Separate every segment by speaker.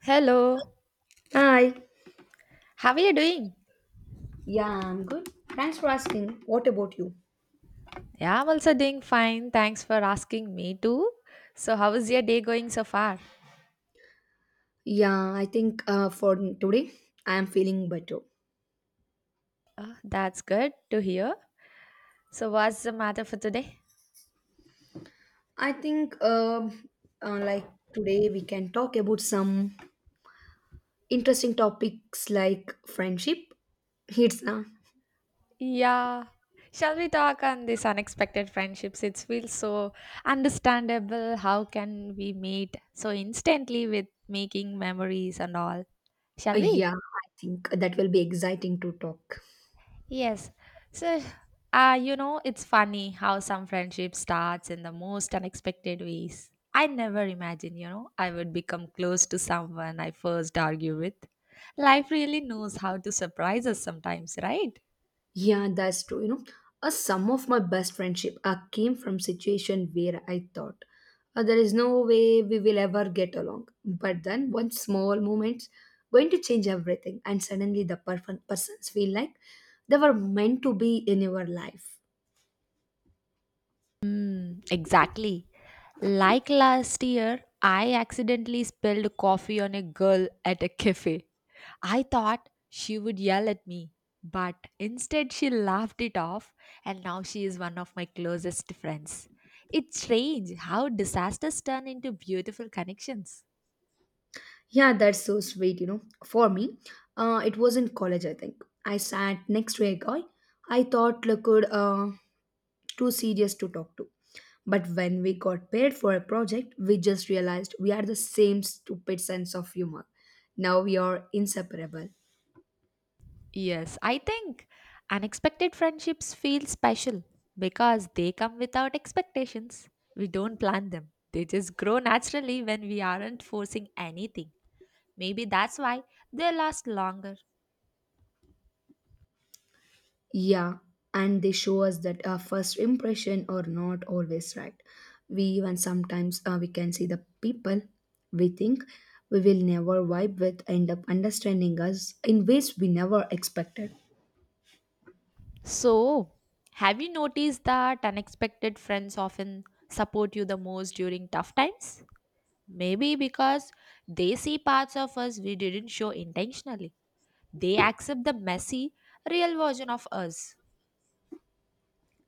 Speaker 1: Hello,
Speaker 2: Hi.
Speaker 1: how are you doing?
Speaker 2: Yeah, I'm good. Thanks for asking. What about you?
Speaker 1: Yeah, I'm also doing fine. Thanks for asking me too. So, how is your day going so far?
Speaker 2: Yeah, I think for today I am feeling better.
Speaker 1: Oh, that's good to hear. So, what's the matter for today?
Speaker 2: I think, like today, we can talk about some interesting topics like friendship. It's
Speaker 1: Yeah. Shall we talk on this unexpected friendships? It feels so understandable. How can we meet so instantly with making memories and all? Shall we?
Speaker 2: Yeah, I think that will be exciting to talk.
Speaker 1: Yes. So, it's funny how some friendship starts in the most unexpected ways. I never imagined, I would become close to someone I first argue with. Life really knows how to surprise us sometimes, right?
Speaker 2: Yeah, that's true. You know, some of my best friendship came from situation where I thought there is no way we will ever get along. But then one small moment's going to change everything, and suddenly the perfect persons feel like they were meant to be in your life.
Speaker 1: Mm, exactly. Like last year, I accidentally spilled coffee on a girl at a cafe. I thought she would yell at me, but instead she laughed it off, and now she is one of my closest friends. It's strange how disasters turn into beautiful connections.
Speaker 2: Yeah, that's so sweet. You know, for me, it was in college. I think I sat next to a guy I thought looked too serious to talk to. But when we got paid for a project, we just realized we are the same stupid sense of humor. Now we are inseparable.
Speaker 1: Yes, I think unexpected friendships feel special because they come without expectations. We don't plan them, they just grow naturally when we aren't forcing anything. Maybe that's why they last longer.
Speaker 2: Yeah, and they show us that our first impression are not always right. We even sometimes we can see the people we think we will never vibe with end up understanding us in ways we never expected.
Speaker 1: So, have you noticed that unexpected friends often support you the most during tough times? Maybe because they see parts of us we didn't show intentionally. They accept the messy, real version of us.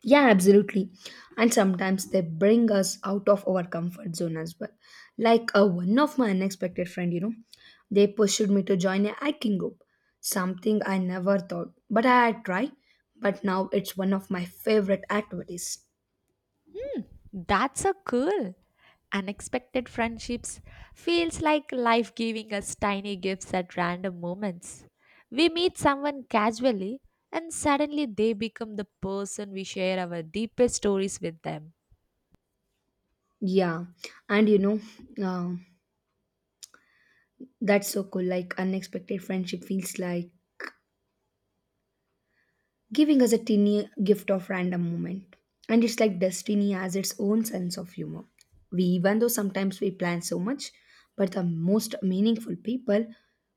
Speaker 2: Yeah, absolutely. And sometimes they bring us out of our comfort zone as well. Like one of my unexpected friend, they pushed me to join a hiking group, something I never thought, but I had tried. But now it's one of my favorite activities.
Speaker 1: That's so cool. Unexpected friendships feels like life giving us tiny gifts at random moments. We meet someone casually and suddenly they become the person we share our deepest stories with them.
Speaker 2: Yeah, and uh, that's so cool. Like unexpected friendship feels like giving us a teeny gift of random moment. And it's like destiny has its own sense of humor. We even though sometimes we plan so much, but the most meaningful people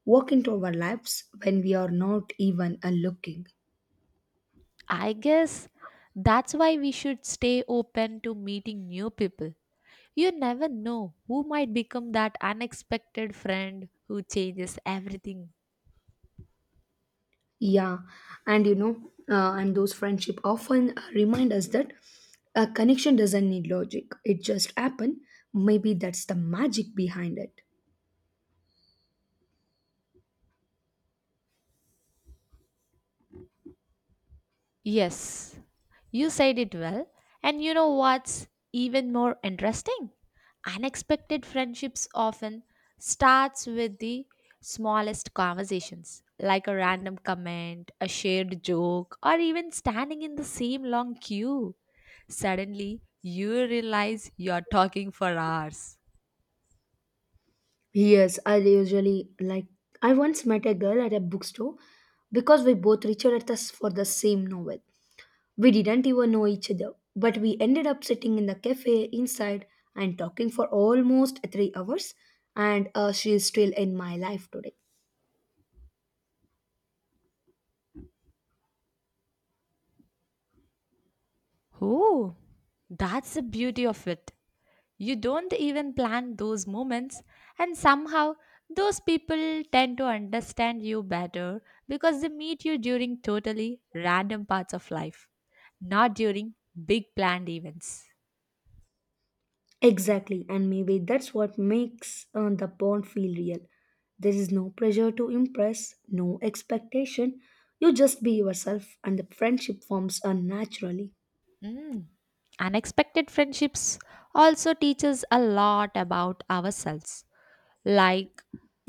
Speaker 2: walk into our lives when we are not even looking.
Speaker 1: I guess that's why we should stay open to meeting new people. You never know who might become that unexpected friend who changes everything.
Speaker 2: Yeah, and you know, and those friendship often remind us that a connection doesn't need logic. It just happen. Maybe that's the magic behind it.
Speaker 1: Yes, you said it well. And you know what's even more interesting? Unexpected friendships often starts with the smallest conversations, like a random comment, a shared joke, or even standing in the same long queue. Suddenly, you realize you're talking for hours.
Speaker 2: Yes, I usually like. I once met a girl at a bookstore because we both reached at us for the same novel. We didn't even know each other, but we ended up sitting in the cafe inside and talking for almost 3 hours, and she is still in my life today.
Speaker 1: Oh, that's the beauty of it. You don't even plan those moments, and somehow those people tend to understand you better because they meet you during totally random parts of life, not during big planned events.
Speaker 2: Exactly, and maybe that's what makes the bond feel real. There is no pressure to impress, no expectation. You just be yourself, and the friendship forms unnaturally.
Speaker 1: Mm. Unexpected friendships also teach us a lot about ourselves, like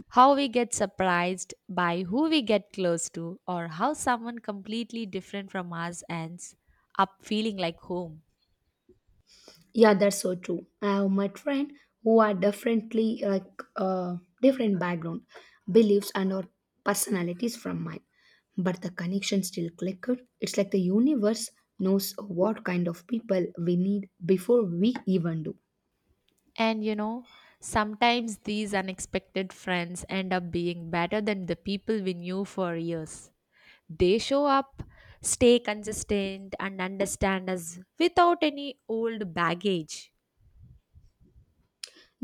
Speaker 1: how we get surprised by who we get close to, or how someone completely different from us ends up feeling like home.
Speaker 2: Yeah, that's so true. I have met friends who are differently like uh, different background, beliefs, and or personalities from mine, but the connection still clicked. It's like the universe knows what kind of people we need before we even do.
Speaker 1: And sometimes these unexpected friends end up being better than the people we knew for years. They show up, stay consistent, and understand us without any old baggage.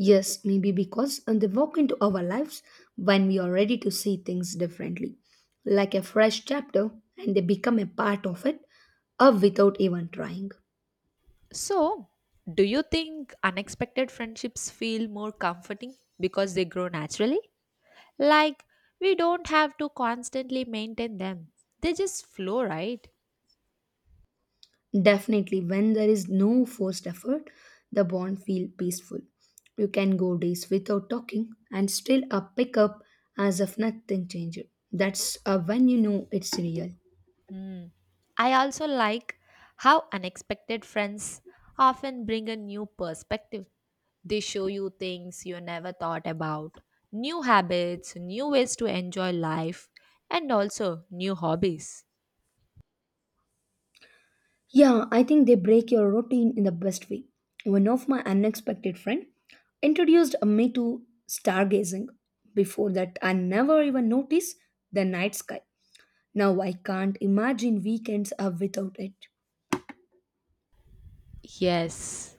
Speaker 2: Yes, maybe because they walk into our lives when we are ready to see things differently, like a fresh chapter, and they become a part of it, or without even trying.
Speaker 1: So, do you think unexpected friendships feel more comforting because they grow naturally? Like, we don't have to constantly maintain them, they just flow, right?
Speaker 2: Definitely, when there is no forced effort, the bond feel peaceful. You can go days without talking and still a pickup as if nothing changed. That's when you know it's real.
Speaker 1: Hmm. I also like how unexpected friends often bring a new perspective. They show you things you never thought about, new habits, new ways to enjoy life, and also new hobbies.
Speaker 2: Yeah, I think they break your routine in the best way. One of my unexpected friend introduced me to stargazing. Before that, I never even noticed the night sky. Now I can't imagine weekends are without it.
Speaker 1: Yes,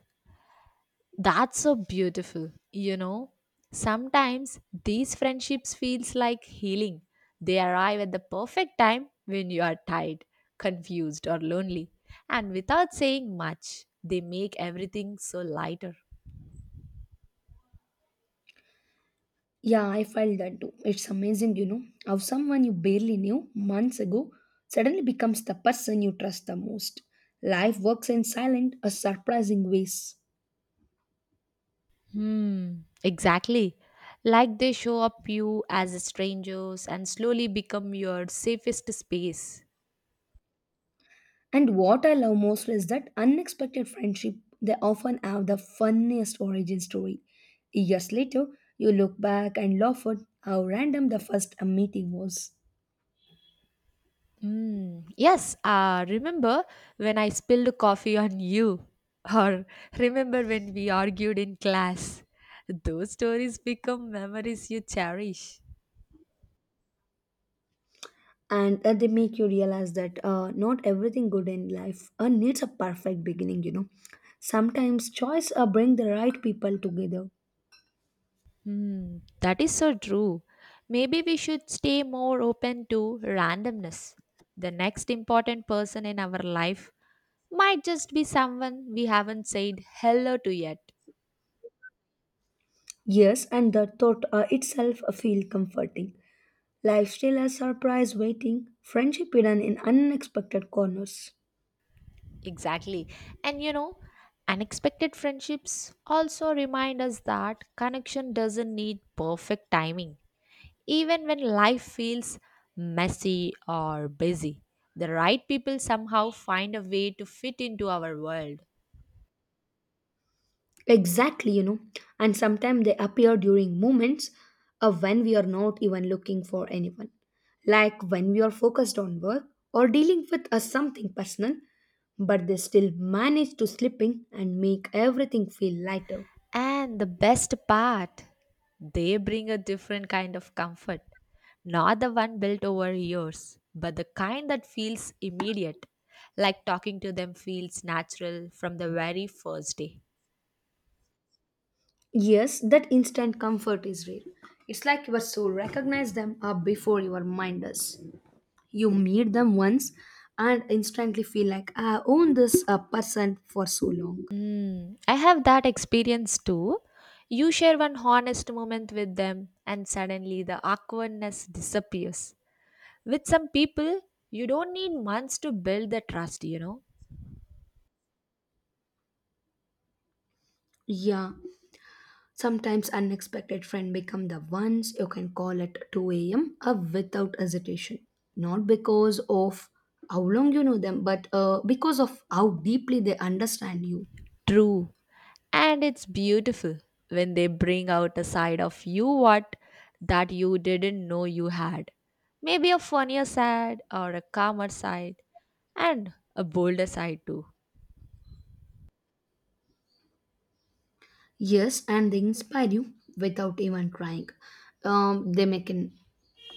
Speaker 1: That's so beautiful. Sometimes these friendships feels like healing. They arrive at the perfect time when you are tired, confused or lonely, and without saying much, they make everything so lighter.
Speaker 2: Yeah, I felt that too. It's amazing, how someone you barely knew months ago suddenly becomes the person you trust the most. Life works in silent, a surprising ways.
Speaker 1: Hmm, exactly. Like they show up you as strangers and slowly become your safest space.
Speaker 2: And what I love most is that unexpected friendship, they often have the funniest origin story. Years later, you look back and laugh at how random the first meeting was.
Speaker 1: Mm, yes, remember when I spilled coffee on you? Or remember when we argued in class? Those stories become memories you cherish.
Speaker 2: And they make you realize that not everything good in life needs a perfect beginning. Sometimes choice bring the right people together.
Speaker 1: Hmm, that is so true. Maybe we should stay more open to randomness. The next important person in our life might just be someone we haven't said hello to yet.
Speaker 2: Yes, and the thought itself feel comforting. Life still a surprise waiting friendship hidden in unexpected corners.
Speaker 1: Exactly. And unexpected friendships also remind us that connection doesn't need perfect timing. Even when life feels messy or busy, the right people somehow find a way to fit into our world.
Speaker 2: Exactly, and sometimes they appear during moments of when we are not even looking for anyone. Like when we are focused on work or dealing with a something personal, but they still manage to slip in and make everything feel lighter.
Speaker 1: And the best part, they bring a different kind of comfort. Not the one built over years, but the kind that feels immediate, like talking to them feels natural from the very first day.
Speaker 2: Yes, that instant comfort is real. It's like your soul recognizes them up before your mind does. You meet them once and instantly feel like I own this person for so long.
Speaker 1: Mm, I have that experience too. You share one honest moment with them, and suddenly the awkwardness disappears. With some people, you don't need months to build the trust, you know?
Speaker 2: Yeah, sometimes unexpected friend become the ones you can call at 2 a.m. up without hesitation. Not because of how long you know them, but because of how deeply they understand you.
Speaker 1: True. And it's beautiful when they bring out a side of you what that you didn't know you had. Maybe a funnier side or a calmer side, and a bolder side too.
Speaker 2: Yes, and they inspire you without even trying. They make you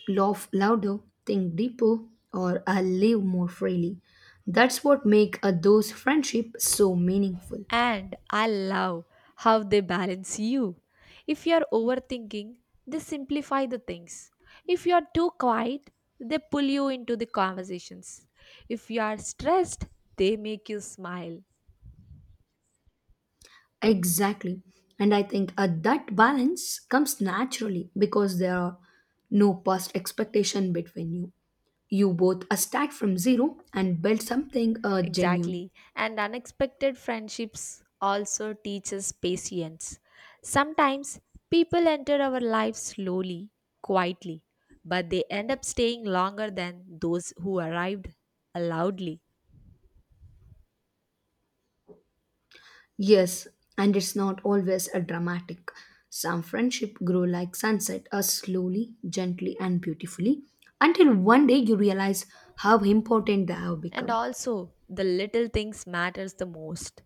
Speaker 2: laugh louder, think deeper, or live more freely. That's what make those friendship so meaningful.
Speaker 1: And I love how they balance you. If you're overthinking, they simplify the things. If you're too quiet, they pull you into the conversations. If you are stressed, they make you smile.
Speaker 2: Exactly. And I think that balance comes naturally because there are no past expectation between you. You both start from zero and build something genuine.
Speaker 1: Exactly. And unexpected friendships also teaches patience. Sometimes people enter our lives slowly, quietly, but they end up staying longer than those who arrived loudly.
Speaker 2: Yes, and it's not always a dramatic. Some friendship grow like sunset, slowly, gently, and beautifully, until one day you realize how important they have
Speaker 1: And
Speaker 2: become.
Speaker 1: also, the little things matters the most.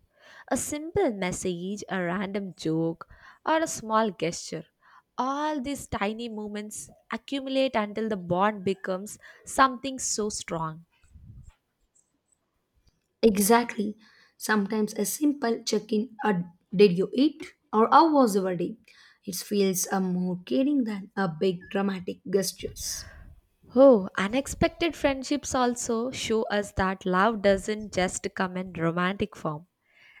Speaker 1: A simple message, a random joke, or a small gesture. All these tiny moments accumulate until the bond becomes something so strong.
Speaker 2: Exactly. Sometimes a simple check in, did you eat? Or how was your day? It feels a more caring than a big dramatic gestures.
Speaker 1: Oh, unexpected friendships also show us that love doesn't just come in romantic form.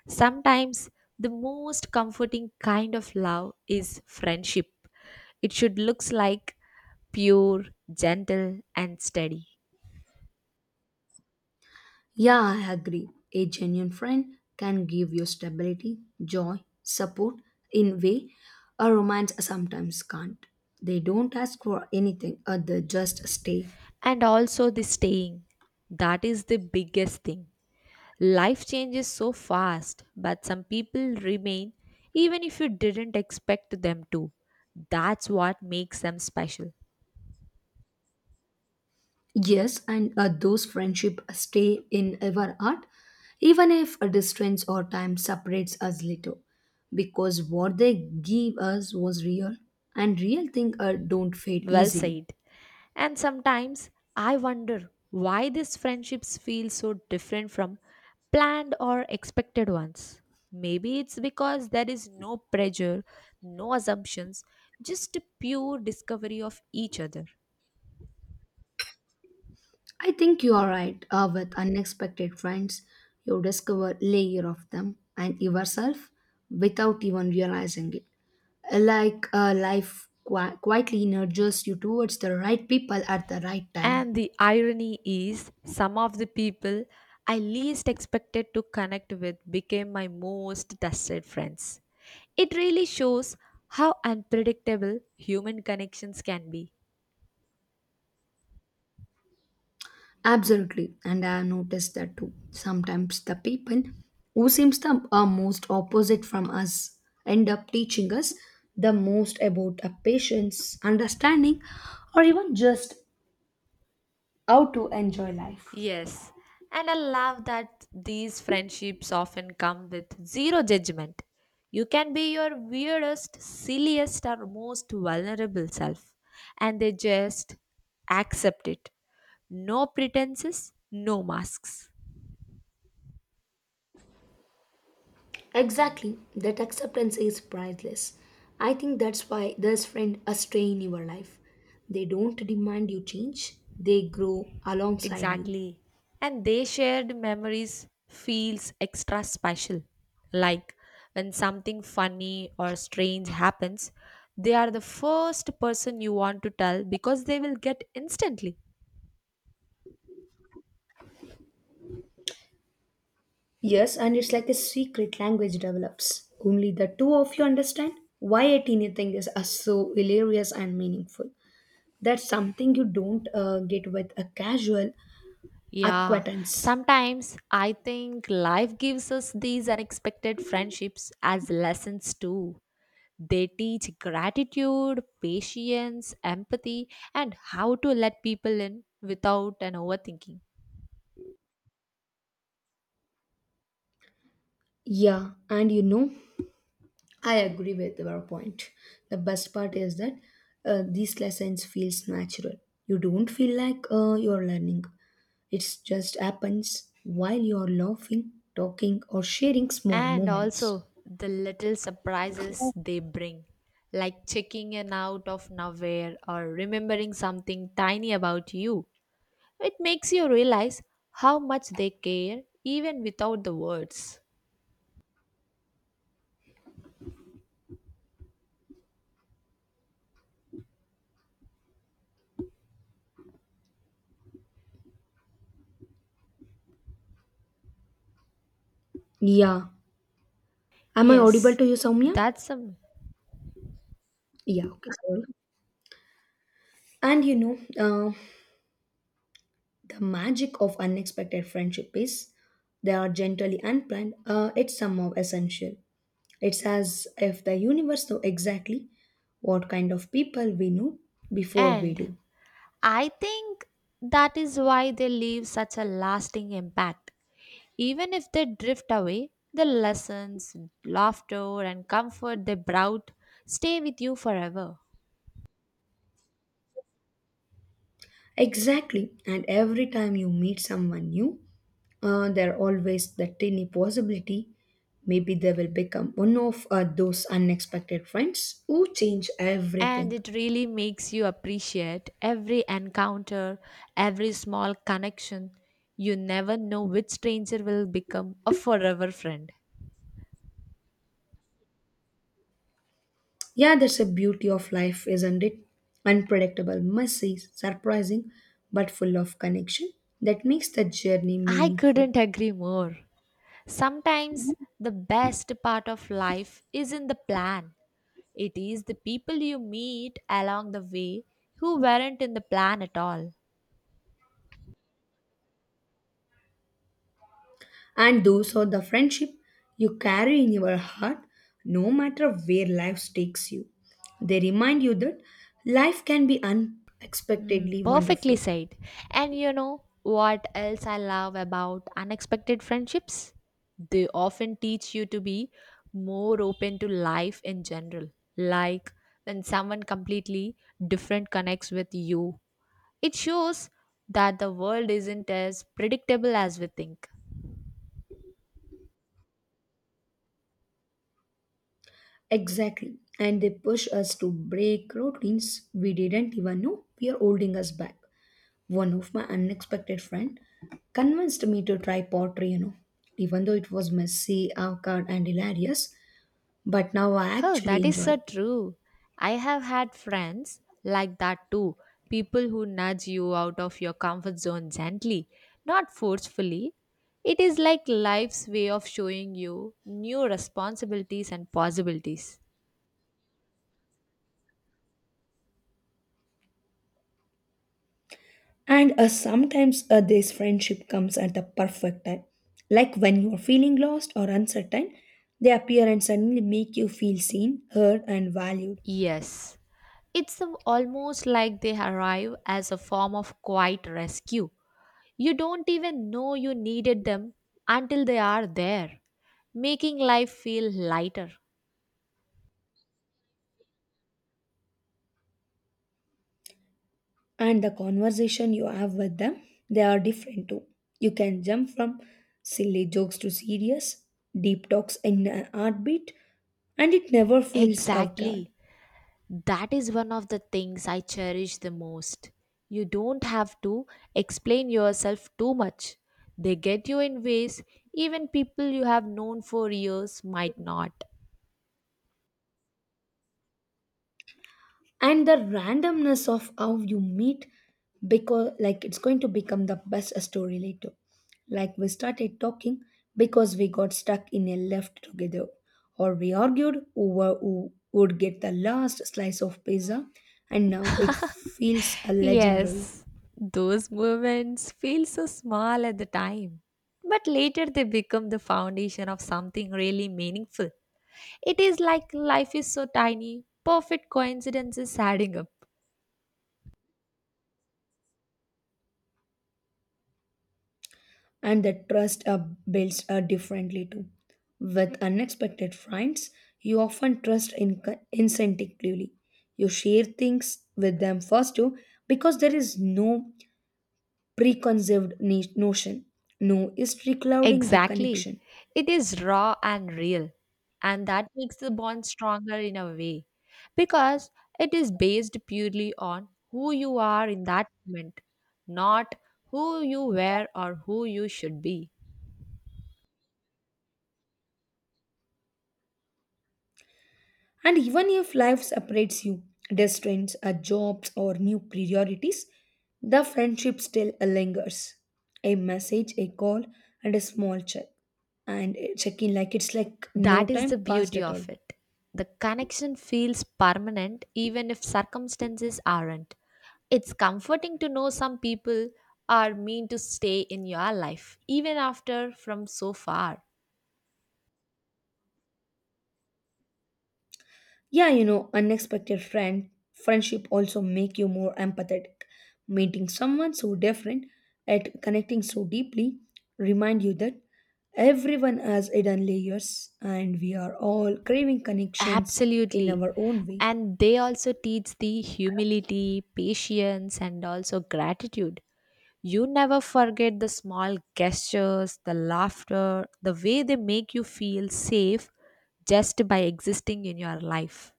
Speaker 1: Sometimes the most comforting kind of love is friendship. It should looks like pure, gentle and steady.
Speaker 2: Yeah, I agree. A genuine friend can give you stability, joy, support in way a romance sometimes can't. They don't ask for anything or they just stay.
Speaker 1: And also the staying. That is the biggest thing. Life changes so fast, but some people remain even if you didn't expect them to. That's what makes them special.
Speaker 2: Yes, and those friendship stay in our heart, even if a distance or time separates us little, because what they give us was real, and real things don't fade
Speaker 1: Well
Speaker 2: easily.
Speaker 1: said. And sometimes I wonder why these friendships feel so different from planned or expected ones. Maybe it's because there is no pressure, no assumptions, just a pure discovery of each other.
Speaker 2: I think you are right. With unexpected friends, you discover layer of them and yourself without even realizing it. Like life quietly nudges you towards the right people at the right time.
Speaker 1: And the irony is, some of the people I least expected to connect with became my most trusted friends. It really shows how unpredictable human connections can be.
Speaker 2: Absolutely, and I have noticed that too. Sometimes the people who seems the most opposite from us end up teaching us the most about a patience, understanding, or even just how to enjoy life.
Speaker 1: Yes, and I love that these friendships often come with zero judgment. You can be your weirdest, silliest, or most vulnerable self, and they just accept it. No pretenses, no masks.
Speaker 2: Exactly, that acceptance is priceless. I think that's why this friend a stay in your life. They don't demand you change; they grow alongside you.
Speaker 1: Exactly. And they shared memories feels extra special. Like when something funny or strange happens, they are the first person you want to tell because they will get instantly.
Speaker 2: Yes, and it's like a secret language develops. Only the two of you understand why a teeny thing is so hilarious and meaningful. That's something you don't get with a casual
Speaker 1: Yeah,
Speaker 2: acquaintance.
Speaker 1: sometimes I think life gives us these unexpected friendships as lessons too. They teach gratitude, patience, empathy, and how to let people in without an overthinking.
Speaker 2: Yeah, and I agree with your point. The best part is that these lessons feels natural. You don't feel like you're learning. It's just happens while you're laughing, talking, or sharing small
Speaker 1: And
Speaker 2: moments.
Speaker 1: also the little surprises they bring, like checking in out of nowhere or remembering something tiny about you. It makes you realize how much they care even without the words.
Speaker 2: Yeah. Am I audible
Speaker 1: Yes,
Speaker 2: to you, Soumya?
Speaker 1: that's some.
Speaker 2: Yeah, okay, sorry. And the magic of unexpected friendship is they are generally unplanned, it's somehow essential. It's as if the universe know exactly what kind of people we know before we
Speaker 1: And
Speaker 2: do.
Speaker 1: I think that is why they leave such a lasting impact. Even if they drift away, the lessons, laughter, and comfort they brought stay with you forever.
Speaker 2: Exactly, and every time you meet someone new, there are always the tiny possibility maybe they will become one of those unexpected friends who change
Speaker 1: And
Speaker 2: everything.
Speaker 1: it really makes you appreciate every encounter, every small connection. You never know which stranger will become a forever friend.
Speaker 2: Yeah, that's the beauty of life, isn't it? Unpredictable, messy, surprising, but full of connection that makes the journey
Speaker 1: I
Speaker 2: meaningful.
Speaker 1: couldn't agree more. Sometimes the best part of life is in the plan. It is the people you meet along the way who weren't in the plan at all.
Speaker 2: And those are the friendship you carry in your heart no matter where life takes you. They remind you that life can be
Speaker 1: Mm,
Speaker 2: unexpectedly
Speaker 1: perfectly
Speaker 2: wonderful.
Speaker 1: said. And you know what else I love about unexpected friendships? They often teach you to be more open to life in general. Like when someone completely different connects with you, it shows that the world isn't as predictable as we think.
Speaker 2: Exactly. And they push us to break routines we didn't even know we are holding us back. One of my unexpected friend convinced me to try pottery, even though it was messy, awkward, and hilarious. But now I
Speaker 1: Oh,
Speaker 2: actually
Speaker 1: that is
Speaker 2: enjoy
Speaker 1: so
Speaker 2: it.
Speaker 1: true. I have had friends like that too. People who nudge you out of your comfort zone gently, not forcefully. It is like life's way of showing you new responsibilities and possibilities.
Speaker 2: And sometimes this friendship comes at the perfect time. Like when you are feeling lost or uncertain, they appear and suddenly make you feel seen, heard, and valued.
Speaker 1: Yes, it's almost like they arrive as a form of quiet rescue. You don't even know you needed them until they are there, making life feel lighter.
Speaker 2: And the conversation you have with them, they are different too. You can jump from silly jokes to serious deep talks in a heartbeat, and it never feels out guard.
Speaker 1: Exactly. That is one of the things I cherish the most. You don't have to explain yourself too much. They get you in ways even people you have known for years might not.
Speaker 2: And the randomness of how you meet, because like it's going to become the best story later, like we started talking because we got stuck in a left together, or we argued over who would get the last slice of pizza, and now it feels a legendary.
Speaker 1: Yes, those moments feel so small at the time. But later they become the foundation of something really meaningful. It is like life is so tiny, perfect coincidences adding up.
Speaker 2: And the trust builds differently too. With unexpected friends, you often trust instinctively. You share things with them first too because there is no preconceived notion, no history clouding the
Speaker 1: Exactly.
Speaker 2: connection.
Speaker 1: It is raw and real. And that makes the bond stronger in a way because it is based purely on who you are in that moment, not who you were or who you should be.
Speaker 2: And even if life separates you, distance, jobs, or new priorities, the friendship still lingers. A message, a call, and a small check. And check in like it's like no
Speaker 1: That is the
Speaker 2: time passed
Speaker 1: beauty
Speaker 2: at all.
Speaker 1: of it. The connection feels permanent even if circumstances aren't. It's comforting to know some people are meant to stay in your life even after from so far.
Speaker 2: Yeah, unexpected friendship also make you more empathetic. Meeting someone so different at connecting so deeply remind you that everyone has hidden layers and we are all craving connections in
Speaker 1: Absolutely.
Speaker 2: our own way.
Speaker 1: And they also teach the humility, patience, and also gratitude. You never forget the small gestures, the laughter, the way they make you feel safe just by existing in your life.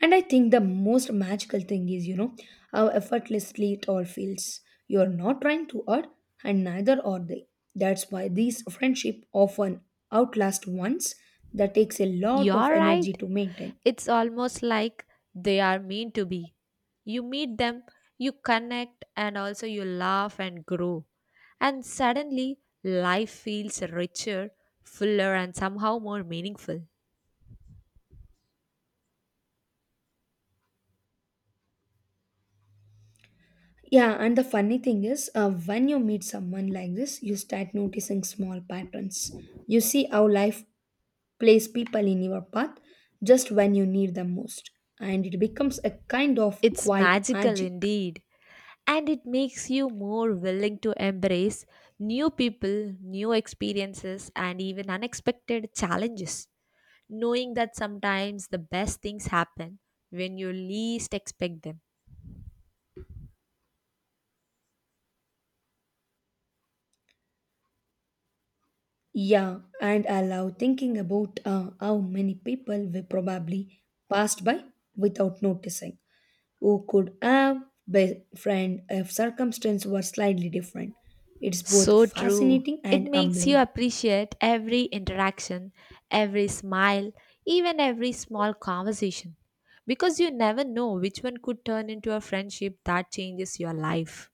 Speaker 2: And I think the most magical thing is, how effortlessly it all feels. You're not trying to hurt, and neither are they. That's why these friendship often outlast ones that takes a lot of
Speaker 1: You're
Speaker 2: energy
Speaker 1: right.
Speaker 2: to maintain.
Speaker 1: It's almost like they are meant to be. You meet them, you connect, and also you laugh and grow. And suddenly, life feels richer, fuller, and somehow more meaningful.
Speaker 2: Yeah, and the funny thing is, when you meet someone like this, you start noticing small patterns. You see how life plays people in your path just when you need them most, and it becomes a kind of
Speaker 1: It's
Speaker 2: quiet
Speaker 1: magical
Speaker 2: magic.
Speaker 1: indeed and it makes you more willing to embrace new people, new experiences, and even unexpected challenges, knowing that sometimes the best things happen when you least expect them.
Speaker 2: Yeah, and I love thinking about how many people we probably passed by without noticing, who could have been friend if circumstances were slightly different. It's both
Speaker 1: So true.
Speaker 2: fascinating
Speaker 1: It
Speaker 2: and
Speaker 1: makes you
Speaker 2: humbling.
Speaker 1: appreciate every interaction, every smile, even every small conversation. Because you never know which one could turn into a friendship that changes your life.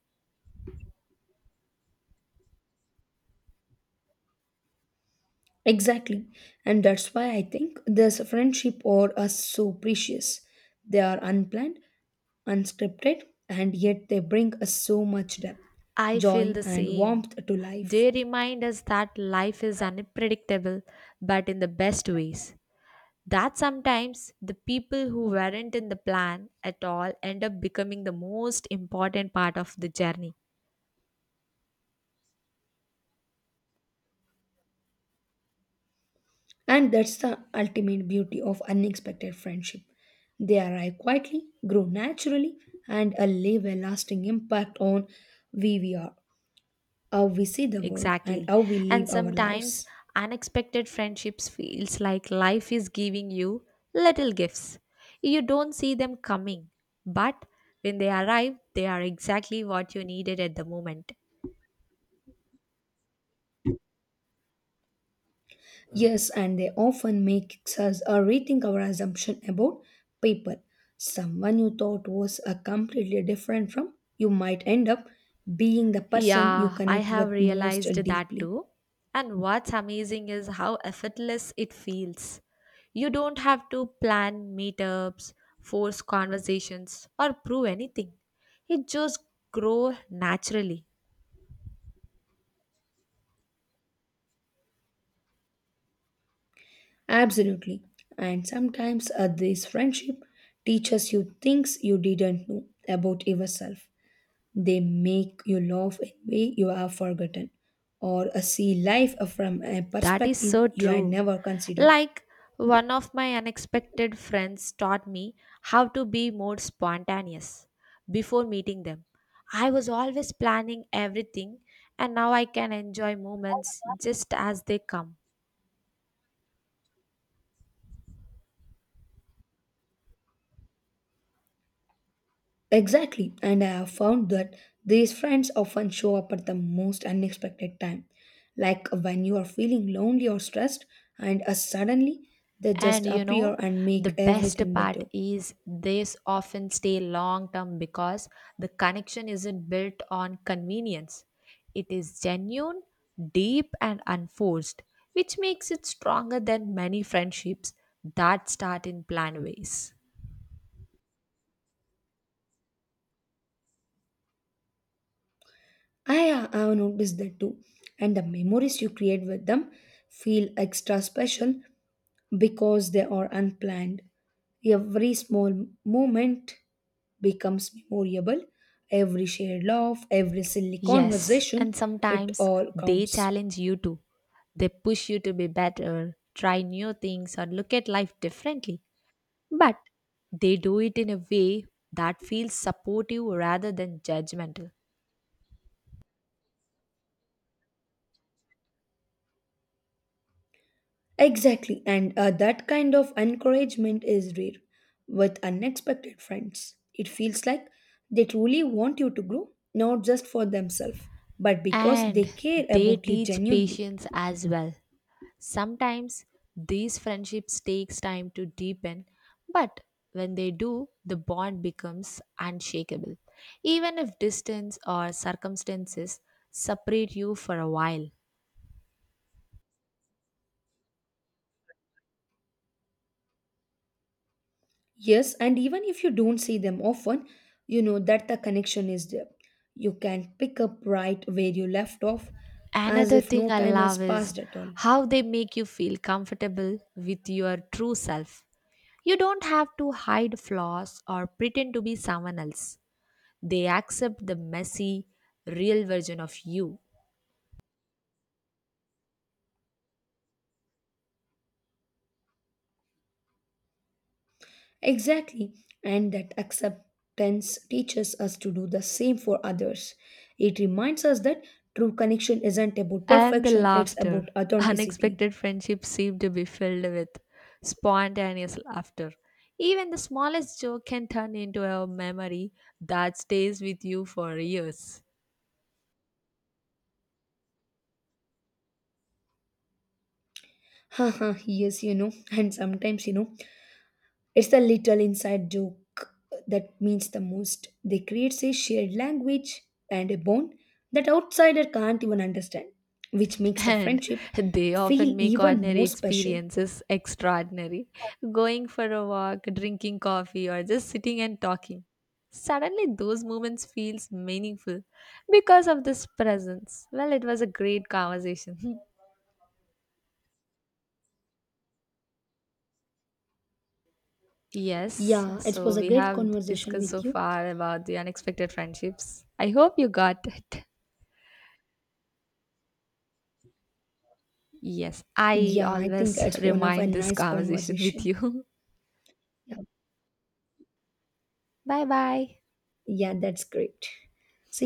Speaker 2: Exactly. And that's why I think this friendship or us so precious. They are unplanned, unscripted, and yet they bring us so much depth,
Speaker 1: I feel
Speaker 2: joy,
Speaker 1: the
Speaker 2: and
Speaker 1: same.
Speaker 2: warmth to life.
Speaker 1: They remind us that life is unpredictable, but in the best ways. That sometimes the people who weren't in the plan at all end up becoming the most important part of the journey.
Speaker 2: And that's the ultimate beauty of unexpected friendship. They arrive quietly, grow naturally, and leave a lasting impact on who we are, how we see the world, and
Speaker 1: Exactly.
Speaker 2: how we
Speaker 1: And
Speaker 2: live our
Speaker 1: sometimes
Speaker 2: lives.
Speaker 1: unexpected friendships feels like life is giving you little gifts. You don't see them coming, but when they arrive, they are exactly what you needed at the moment.
Speaker 2: Yes, and they often make us rethink our assumption about people. Someone you thought was a completely different from, you might end up being the person you
Speaker 1: Yeah, I
Speaker 2: connect
Speaker 1: have
Speaker 2: with most
Speaker 1: realized that
Speaker 2: deeply.
Speaker 1: too. And what's amazing is how effortless it feels. You don't have to plan meetups, force conversations, or prove anything. It just grows naturally.
Speaker 2: Absolutely. And sometimes this friendship teaches you things you didn't know about yourself. They make you laugh in a way you have forgotten or see life from a
Speaker 1: That is
Speaker 2: perspective
Speaker 1: so
Speaker 2: you had
Speaker 1: true.
Speaker 2: never considered.
Speaker 1: Like one of my unexpected friends taught me how to be more spontaneous before meeting them. I was always planning everything, and now I can enjoy moments just as they come.
Speaker 2: Exactly, and I have found that these friends often show up at the most unexpected time, like when you are feeling lonely or stressed, and suddenly they
Speaker 1: And
Speaker 2: just appear and
Speaker 1: the
Speaker 2: make
Speaker 1: best
Speaker 2: everything
Speaker 1: part
Speaker 2: better.
Speaker 1: is these often stay long term because the connection isn't built on convenience. It is genuine, deep, and unforced, which makes it stronger than many friendships that start in planned ways.
Speaker 2: I have noticed that too, and the memories you create with them feel extra special because they are unplanned. Every small moment becomes memorable, every shared laugh, every silly
Speaker 1: Yes,
Speaker 2: conversation,
Speaker 1: and
Speaker 2: it
Speaker 1: sometimes
Speaker 2: all
Speaker 1: they
Speaker 2: counts.
Speaker 1: challenge you too. They push you to be better, try new things, or look at life differently. But they do it in a way that feels supportive rather than judgmental.
Speaker 2: Exactly, and that kind of encouragement is rare with unexpected friends. It feels like they truly want you to grow, not just for themselves, but because they
Speaker 1: And
Speaker 2: care
Speaker 1: they
Speaker 2: about you
Speaker 1: teach
Speaker 2: genuinely.
Speaker 1: patience as well. Sometimes these friendships takes time to deepen, but when they do, the bond becomes unshakable. Even if distance or circumstances separate you for a while.
Speaker 2: Yes, and even if you don't see them often, you know that the connection is there. You can pick up right where you left off as
Speaker 1: Another
Speaker 2: if
Speaker 1: thing
Speaker 2: no
Speaker 1: I
Speaker 2: time has
Speaker 1: love is
Speaker 2: passed at all.
Speaker 1: how they make you feel comfortable with your true self. You don't have to hide flaws or pretend to be someone else. They accept the messy, real version of you.
Speaker 2: Exactly, and that acceptance teaches us to do the same for others. It reminds us that true connection isn't about
Speaker 1: And the
Speaker 2: perfection, it's
Speaker 1: laughter.
Speaker 2: about authenticity.
Speaker 1: Unexpected friendships seem to be filled with spontaneous laughter. Even the smallest joke can turn into a memory that stays with you for years.
Speaker 2: Haha, yes, and sometimes, it's the little inside joke that means the most. They create a shared language and a bond that outsider can't even understand, which makes the
Speaker 1: And
Speaker 2: friendship
Speaker 1: they often
Speaker 2: feel
Speaker 1: make
Speaker 2: even
Speaker 1: ordinary
Speaker 2: more special.
Speaker 1: experiences extraordinary. Going for a walk, drinking coffee, or just sitting and talking. Suddenly, those moments feels meaningful because of this presence. Well, it was a great conversation. Yes,
Speaker 2: Yeah, it
Speaker 1: so
Speaker 2: was a
Speaker 1: we
Speaker 2: great
Speaker 1: have
Speaker 2: conversation
Speaker 1: discussed so
Speaker 2: with you.
Speaker 1: far about the unexpected friendships. I hope you got it. Yes, I
Speaker 2: Yeah, I think
Speaker 1: always
Speaker 2: it's one of a
Speaker 1: remind this
Speaker 2: nice
Speaker 1: conversation with
Speaker 2: conversation.
Speaker 1: you.
Speaker 2: Yeah,
Speaker 1: Bye bye.
Speaker 2: yeah, that's great. See